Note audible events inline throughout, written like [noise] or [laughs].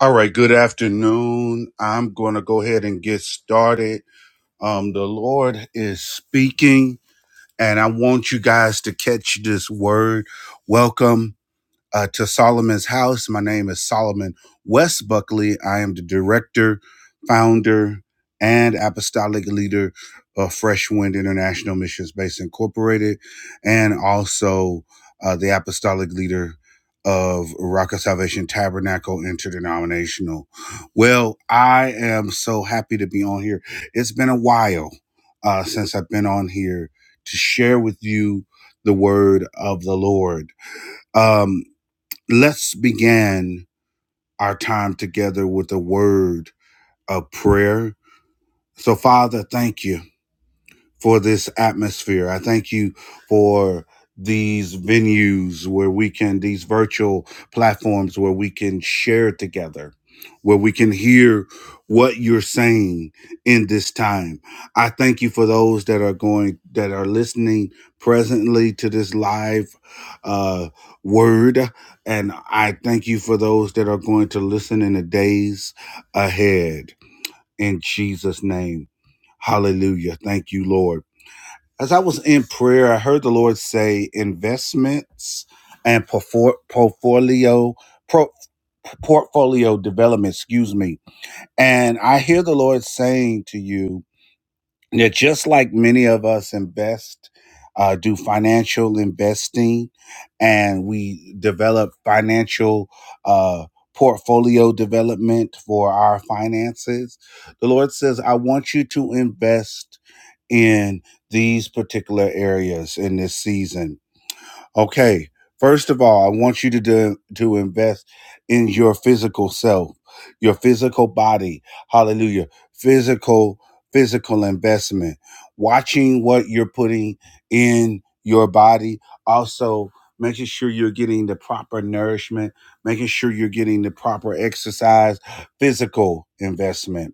All right, good afternoon. I'm going to go ahead and get started. Um, the Lord is speaking, and I want you guys to catch this word. Welcome. uh, to Solomon's House. My name is Solomon West Buckley. I am the director, founder, and apostolic leader of Fresh Wind International Missions Base Incorporated, and also uh, the apostolic leader of Rock of Salvation Tabernacle Interdenominational. Well, I am so happy to be on here. It's been a while uh, since I've been on here to share with you the word of the Lord. Um, let's begin our time together with a word of prayer. So, Father, thank you for this atmosphere. I thank you for these venues where we can, these virtual platforms where we can share together, where we can hear what you're saying in this time. I thank you for those that are going, that are listening presently to this live uh, word. And I thank you for those that are going to listen in the days ahead. In Jesus' name. Hallelujah. Thank you, Lord. As I was in prayer, I heard the Lord say investments and porfor- portfolio pro- portfolio development, excuse me. And I hear the Lord saying to you that just like many of us invest, uh, do financial investing, and we develop financial uh, portfolio development for our finances, the Lord says, I want you to invest in these particular areas in this season. Okay, first of all, I want you to do, to invest in your physical self, your physical body. Hallelujah. Physical physical investment. Watching what you're putting in your body, also making sure you're getting the proper nourishment, making sure you're getting the proper exercise, physical investment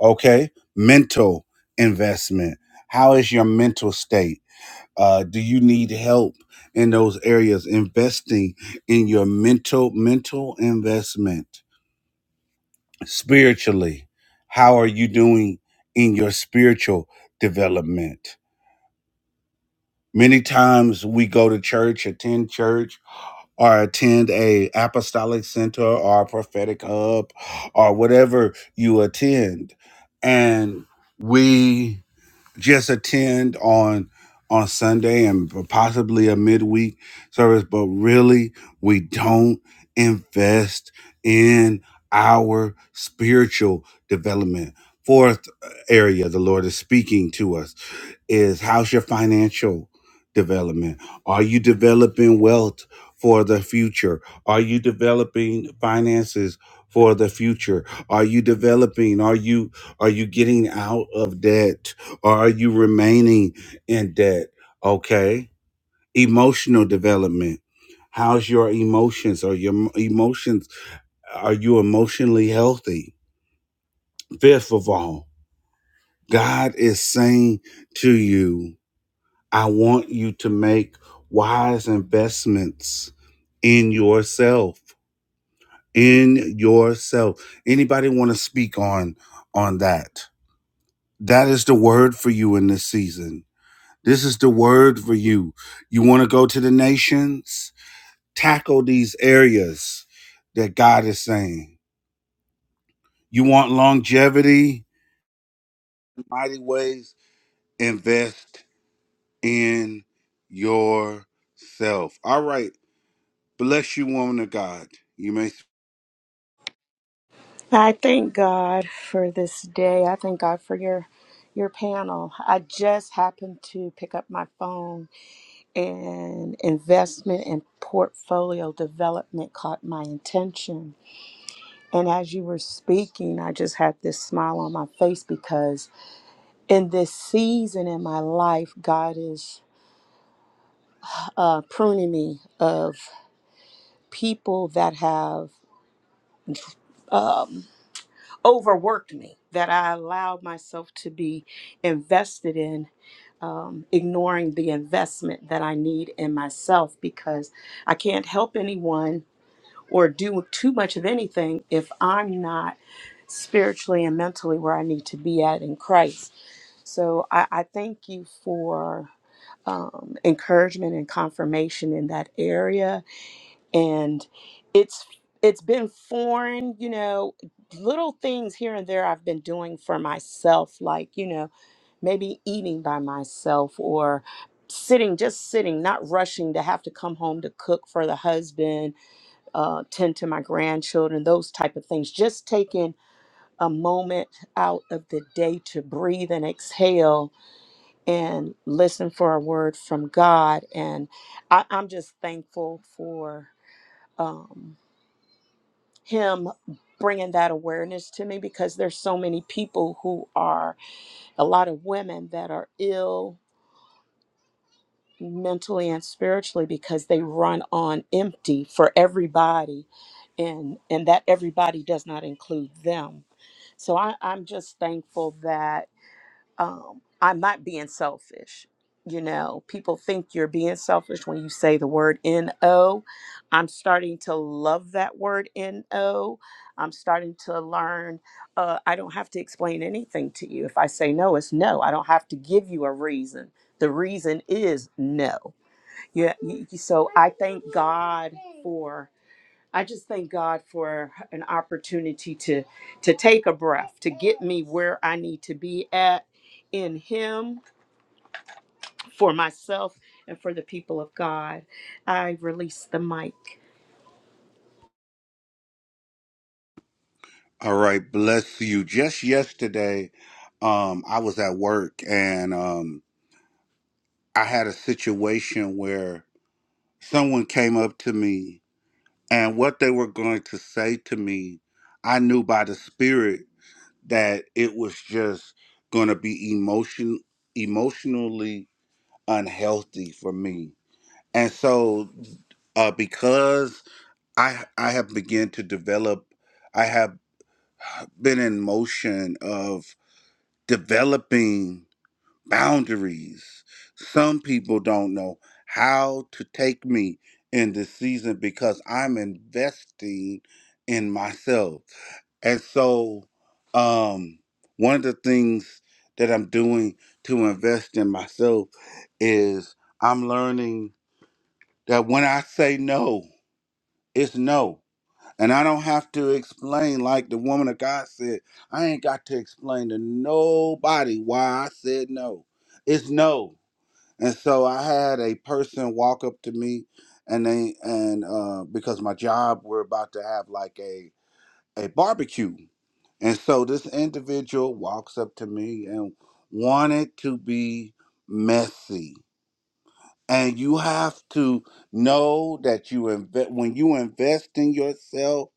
okay mental investment how is your mental state uh, do you need help in those areas investing in your mental mental investment spiritually how are you doing in your spiritual development many times we go to church attend church or attend a apostolic center or a prophetic hub or whatever you attend and we just attend on on Sunday and possibly a midweek service, but really we don't invest in our spiritual development. Fourth area the Lord is speaking to us is how's your financial development? Are you developing wealth for the future? Are you developing finances for the future? Are you developing? Are you are you getting out of debt? Or are you remaining in debt? Okay. Emotional development. How's your emotions? Are your emotions are you emotionally healthy? Fifth of all, God is saying to you, I want you to make wise investments in yourself. In yourself. Anybody want to speak on on that? That is the word for you in this season. This is the word for you. You want to go to the nations? Tackle these areas that God is saying. You want longevity? Mighty ways. Invest in yourself. All right. Bless you, woman of God. You may. I thank God for this day. I thank God for your your panel. I just happened to pick up my phone and investment and portfolio development caught my attention. And as you were speaking, I just had this smile on my face because in this season in my life, God is uh, pruning me of people that have. um, overworked me, that I allowed myself to be invested in, um, ignoring the investment that I need in myself because I can't help anyone or do too much of anything if I'm not spiritually and mentally where I need to be at in Christ. So I, I thank you for. Um, encouragement and confirmation in that area and it's it's been foreign you know little things here and there i've been doing for myself like you know maybe eating by myself or sitting just sitting not rushing to have to come home to cook for the husband uh, tend to my grandchildren those type of things just taking a moment out of the day to breathe and exhale and listen for a word from god and I, i'm just thankful for um, him bringing that awareness to me because there's so many people who are a lot of women that are ill mentally and spiritually because they run on empty for everybody and and that everybody does not include them so I, i'm just thankful that um, I'm not being selfish. You know, people think you're being selfish when you say the word NO. I'm starting to love that word NO. I'm starting to learn uh, I don't have to explain anything to you. If I say no, it's no. I don't have to give you a reason. The reason is no. Yeah. y- y- So I thank God for. I just thank God for an opportunity to to take a breath, to get me where I need to be at in him for myself and for the people of God. I release the mic. All right. Bless you. Just yesterday, um, I was at work and um, I had a situation where someone came up to me and what they were going to say to me, I knew by the spirit that it was just going to be emotion emotionally unhealthy for me. And so uh, because I I have begun to develop. I have. been in motion of developing boundaries. Some people don't know how to take me in this season because I'm investing in myself. And so, um, one of the things that I'm doing to invest in myself is I'm learning that when I say no, it's no. And I don't have to explain, like the woman of God said, I ain't got to explain to nobody why I said no. It's no. And so I had a person walk up to me and they and uh because my job we're about to have like a a barbecue. And so this individual walks up to me and wanted to be messy. And you have to know that you invest when you invest in yourself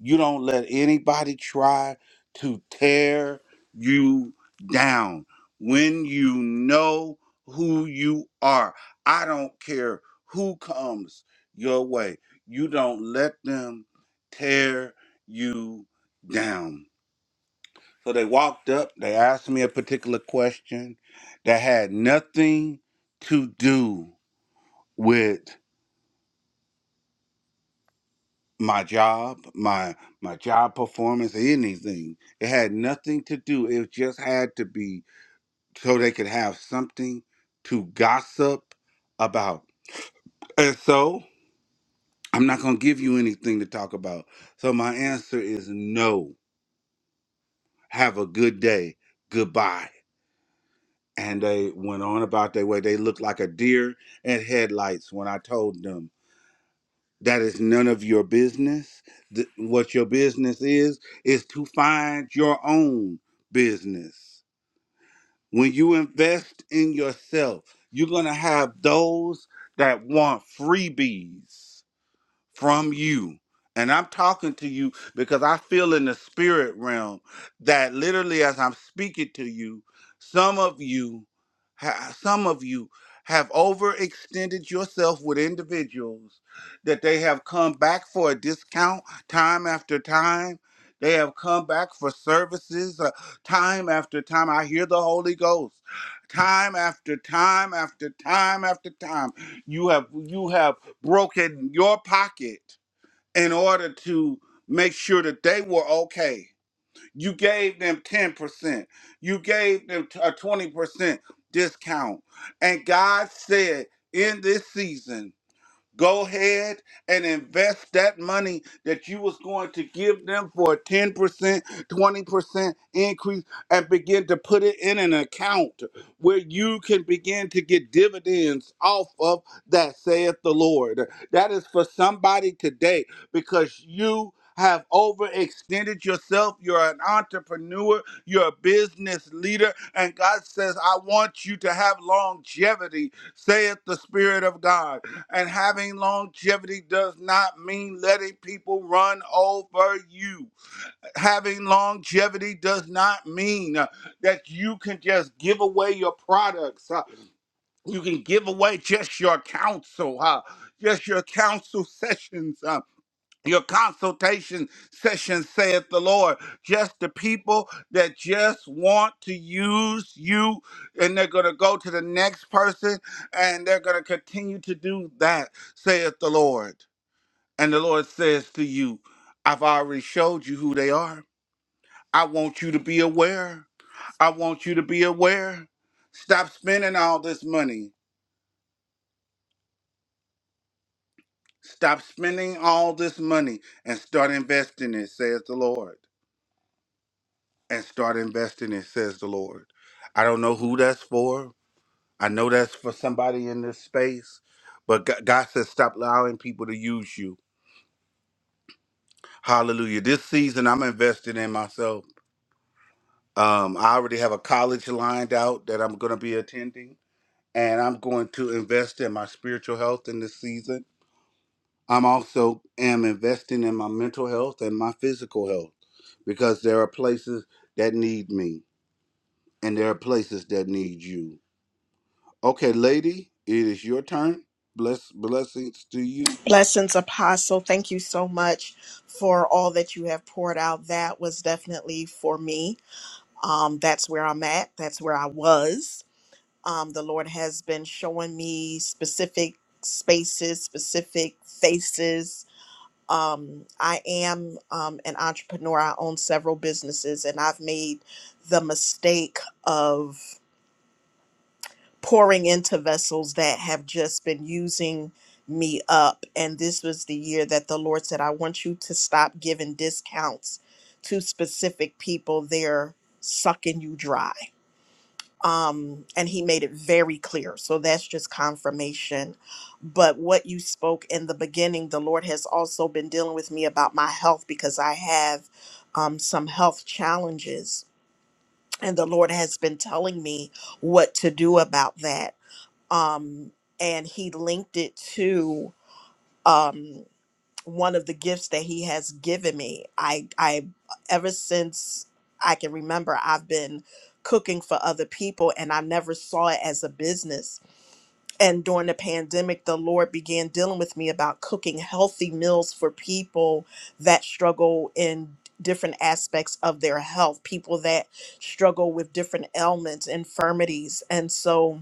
you don't let anybody try to tear you down. When you know who you are, I don't care who comes your way. You don't let them tear you down. So they walked up, they asked me a particular question that had nothing to do with my job, my my job performance, anything. It had nothing to do. It just had to be so they could have something to gossip about. And so I'm not gonna give you anything to talk about. So my answer is no. Have a good day. Goodbye. And they went on about their way. They looked like a deer in headlights when I told them. That is none of your business. Th- what your business is, is to find your own business. When you invest in yourself, you're going to have those that want freebies from you. And I'm talking to you because I feel in the spirit realm that literally as I'm speaking to you, some of you ha- some of you have overextended yourself with individuals that they have come back for a discount time after time. They have come back for services uh, time after time. I hear the Holy Ghost time after time after time after time. You have you have broken your pocket in order to make sure that they were okay. You gave them 10%. You gave them t- a 20% discount. And God said, in this season, go ahead and invest that money that you was going to give them for a 10% 20% increase and begin to put it in an account where you can begin to get dividends off of that saith the lord that is for somebody today because you have overextended yourself. You're an entrepreneur. You're a business leader. And God says, I want you to have longevity saith the Spirit of God. And having longevity does not mean letting people run over you. Having longevity does not mean uh, that you can just give away your products. uh, You can give away just your counsel, huh? just your counsel [laughs] sessions. Uh, your consultation session, saith the Lord. Just the people that just want to use you, and they're going to go to the next person, and they're going to continue to do that, saith the Lord. And the Lord says to you, I've already showed you who they are. I want you to be aware. I want you to be aware. Stop spending all this money. Stop spending all this money and start investing it, says the Lord. and start investing in, says the Lord. I don't know who that's for. I know that's for somebody in this space, but G- God says stop allowing people to use you. Hallelujah. This season, I'm investing in myself. Um, I already have a college lined out that I'm going to be attending, and I'm going to invest in my spiritual health in this season. I'm also am investing in my mental health and my physical health because there are places that need me and there are places that need you. Okay, lady, it is your turn. Bless blessings to you. Blessings, Apostle. Thank you so much for all that you have poured out. That was definitely for me. Um, that's where I'm at. That's where I was. Um, the Lord has been showing me specific spaces, specific faces. Um, I am um, an entrepreneur. I own several businesses, and I've made the mistake of pouring into vessels that have just been using me up. And this was the year that the Lord said, I want you to stop giving discounts to specific people. They're sucking you dry. Um, and He made it very clear. So that's just confirmation. But what you spoke in the beginning, the Lord has also been dealing with me about my health because I have um, some health challenges. And the Lord has been telling me what to do about that um, and he linked it to um, one of the gifts that he has given me. I, I, ever since I can remember, I've been cooking for other people, and I never saw it as a business. And during the pandemic, the Lord began dealing with me about cooking healthy meals for people that struggle in different aspects of their health, people that struggle with different ailments, infirmities, and so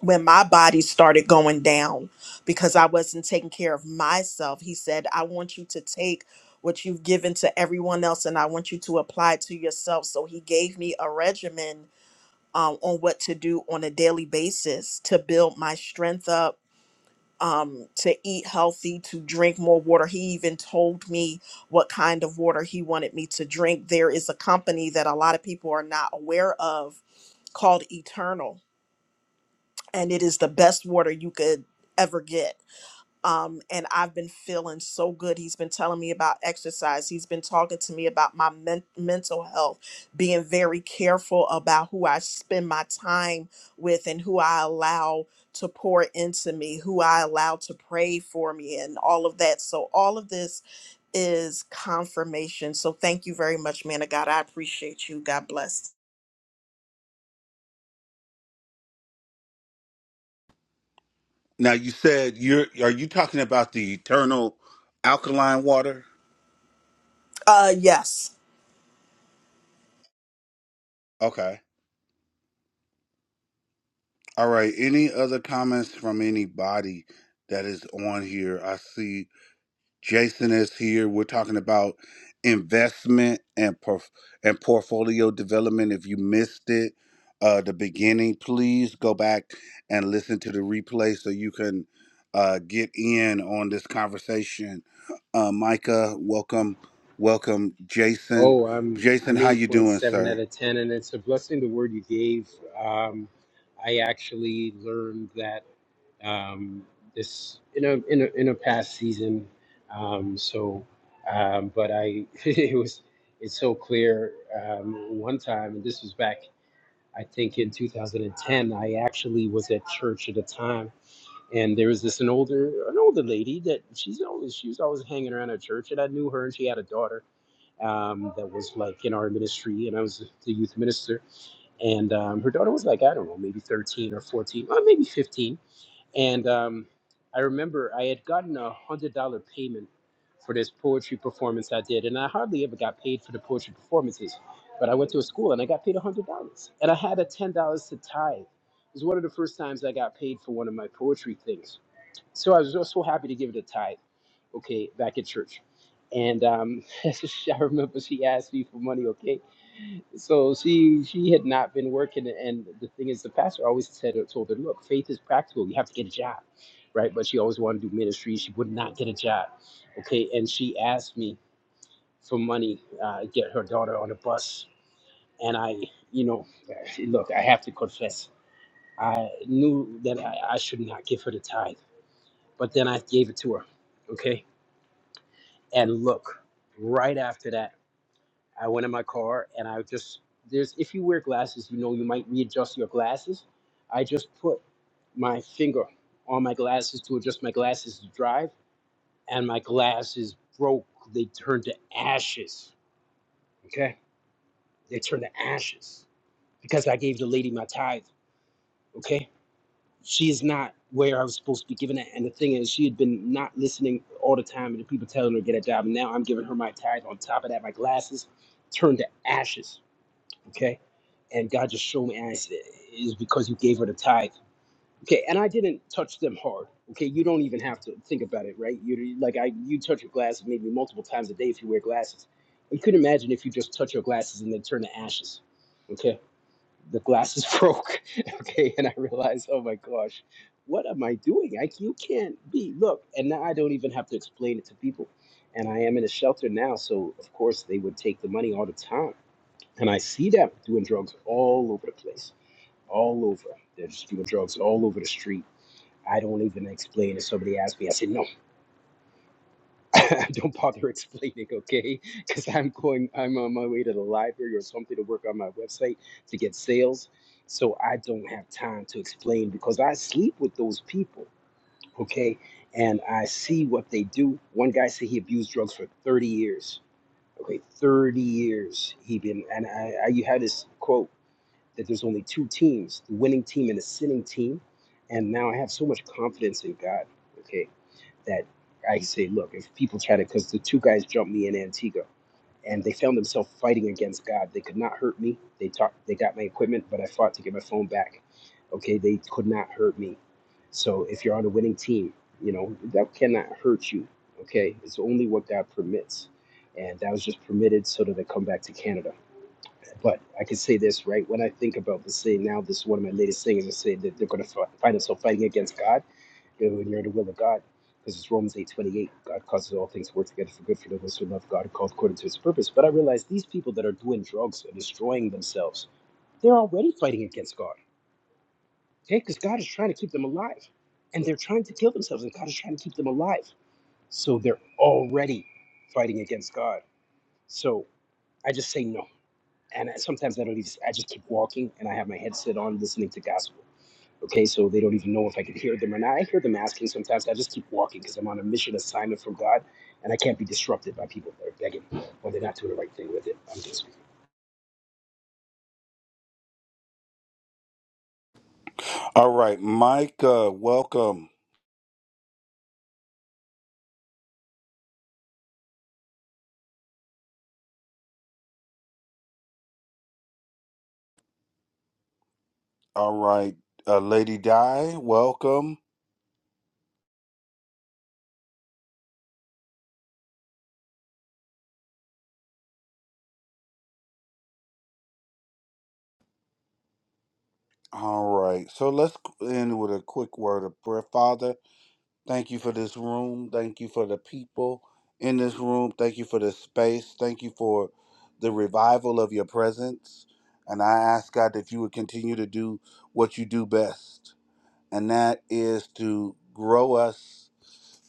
when my body started going down because I wasn't taking care of myself. He said, I want you to take what you've given to everyone else and I want you to apply it to yourself. So he gave me a regimen um, on what to do on a daily basis to build my strength up. Um, to eat healthy, to drink more water. He even told me what kind of water he wanted me to drink. There is a company that a lot of people are not aware of called Eternal and it is the best water you could ever get. Um, and I've been feeling so good. He's been telling me about exercise. He's been talking to me about my men- mental health, being very careful about who I spend my time with and who I allow to pour into me, who I allow to pray for me, and all of that. So, all of this is confirmation. So, thank you very much, man of God. I appreciate you. God bless. Now you said you're are you talking about the eternal alkaline water? Uh, yes. Okay. All right. Any other comments from anybody that is on here? I see Jason is here. We're talking about investment and porf- and portfolio development. If you missed it, uh, the beginning, please go back and listen to the replay so you can uh, get in on this conversation. Uh, Micah, welcome, welcome, Jason. Oh, I'm Jason, I'm how you doing, 8.7 out sir? of 10, and it's a blessing the word you gave. Um, I actually learned that um, this in a in a in a past season. Um, so, um, but I [laughs] it was it's so clear. Um, one time, and this was back I think in 2010. I actually was at church at the time, and there was this an older an older lady that she's always she was always hanging around at church, and I knew her, and she had a daughter um, that was like in our ministry, and I was the youth minister. And um, her daughter was like, I don't know, maybe 13 or 14, or maybe 15. And um, I remember I had gotten a $100 payment for this poetry performance I did, and I hardly ever got paid for the poetry performances. But I went to a school and I got paid $100, and I had a $10 to tithe. It was one of the first times I got paid for one of my poetry things so I was just so happy to give it a tithe, okay, back at church. And um, [laughs] I remember she asked me for money, okay? So she she had not been working. And the thing is, the pastor always said told her, look, faith is practical. You have to get a job, right? But she always wanted to do ministry. She would not get a job, okay? And she asked me for money, uh, get her daughter on a bus. And I, you know, look, I have to confess, I knew that I, I should not give her the tithe, but then I gave it to her, okay? And look, right after that, I went in my car and I just there's if you wear glasses, you know you might readjust your glasses. I just put my finger on my glasses to adjust my glasses to drive, and my glasses broke. They turned to ashes. Okay, they turned to ashes because I gave the lady my tithe. Okay, She is not where I was supposed to be giving it. And the thing is, she had been not listening all the time, and the people telling her to get a job. And now I'm giving her my tithe. On top of that, my glasses turned to ashes. Okay, and God just showed me, and I it's, it's because you gave her the tithe. Okay, and I didn't touch them hard. Okay, you don't even have to think about it, right? You like I, you touch your glasses maybe multiple times a day if you wear glasses. You could imagine if you just touch your glasses and they turn to ashes. Okay, the glasses [laughs] broke. Okay, and I realized, oh my gosh, what am I doing? I you can't be look, and now I don't even have to explain it to people. And I am in a shelter now, so of course they would take the money all the time. And I see them doing drugs all over the place, all over. They're just doing drugs all over the street. I don't even explain it. Somebody asked me, I said no. [laughs] don't bother explaining, okay? Because I'm going, I'm on my way to the library or something to work on my website to get sales. So I don't have time to explain because I sleep with those people, okay? And I see what they do. One guy said he abused drugs for 30 years. Okay, 30 years he been, and I, I you had this quote that there's only two teams, the winning team and the sinning team. And now I have so much confidence in God, okay? that I say, look, if people try to, because the two guys jumped me in Antigua, and they found themselves fighting against God. They could not hurt me. They talked, they got my equipment, but I fought to get my phone back. Okay, they could not hurt me. So if you're on a winning team, you know that cannot hurt you. Okay, it's only what God permits, and that was just permitted so that I come back to Canada. But I can say this right when I think about this. Say now, this is one of my latest things. I say that they're going to find themselves fighting against God Go near the will of God. Because it's Romans eight twenty eight. God causes all things to work together for good for those who love God and called according to his purpose. But I realize these people that are doing drugs and destroying themselves, they're already fighting against God. Okay? Because God is trying to keep them alive. And they're trying to kill themselves, and God is trying to keep them alive. So they're already fighting against God. So I just say no. And I, sometimes I don't even, I just keep walking and I have my headset on listening to gospel. Okay, so they don't even know if I can hear them or not. I hear them asking sometimes. I just keep walking because I'm on a mission assignment from God, and I can't be disrupted by people that are begging or they're not doing the right thing with it. I'm just All right, Micah, welcome. All right, uh, Lady Di, welcome. All right, so let's end with a quick word of prayer, Father. Thank you for this room. Thank you for the people in this room. Thank you for this space. Thank you for the revival of your presence. And I ask God that you would continue to do what you do best, and that is to grow us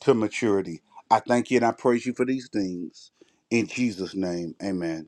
to maturity. I thank you and I praise you for these things. In Jesus' name, amen.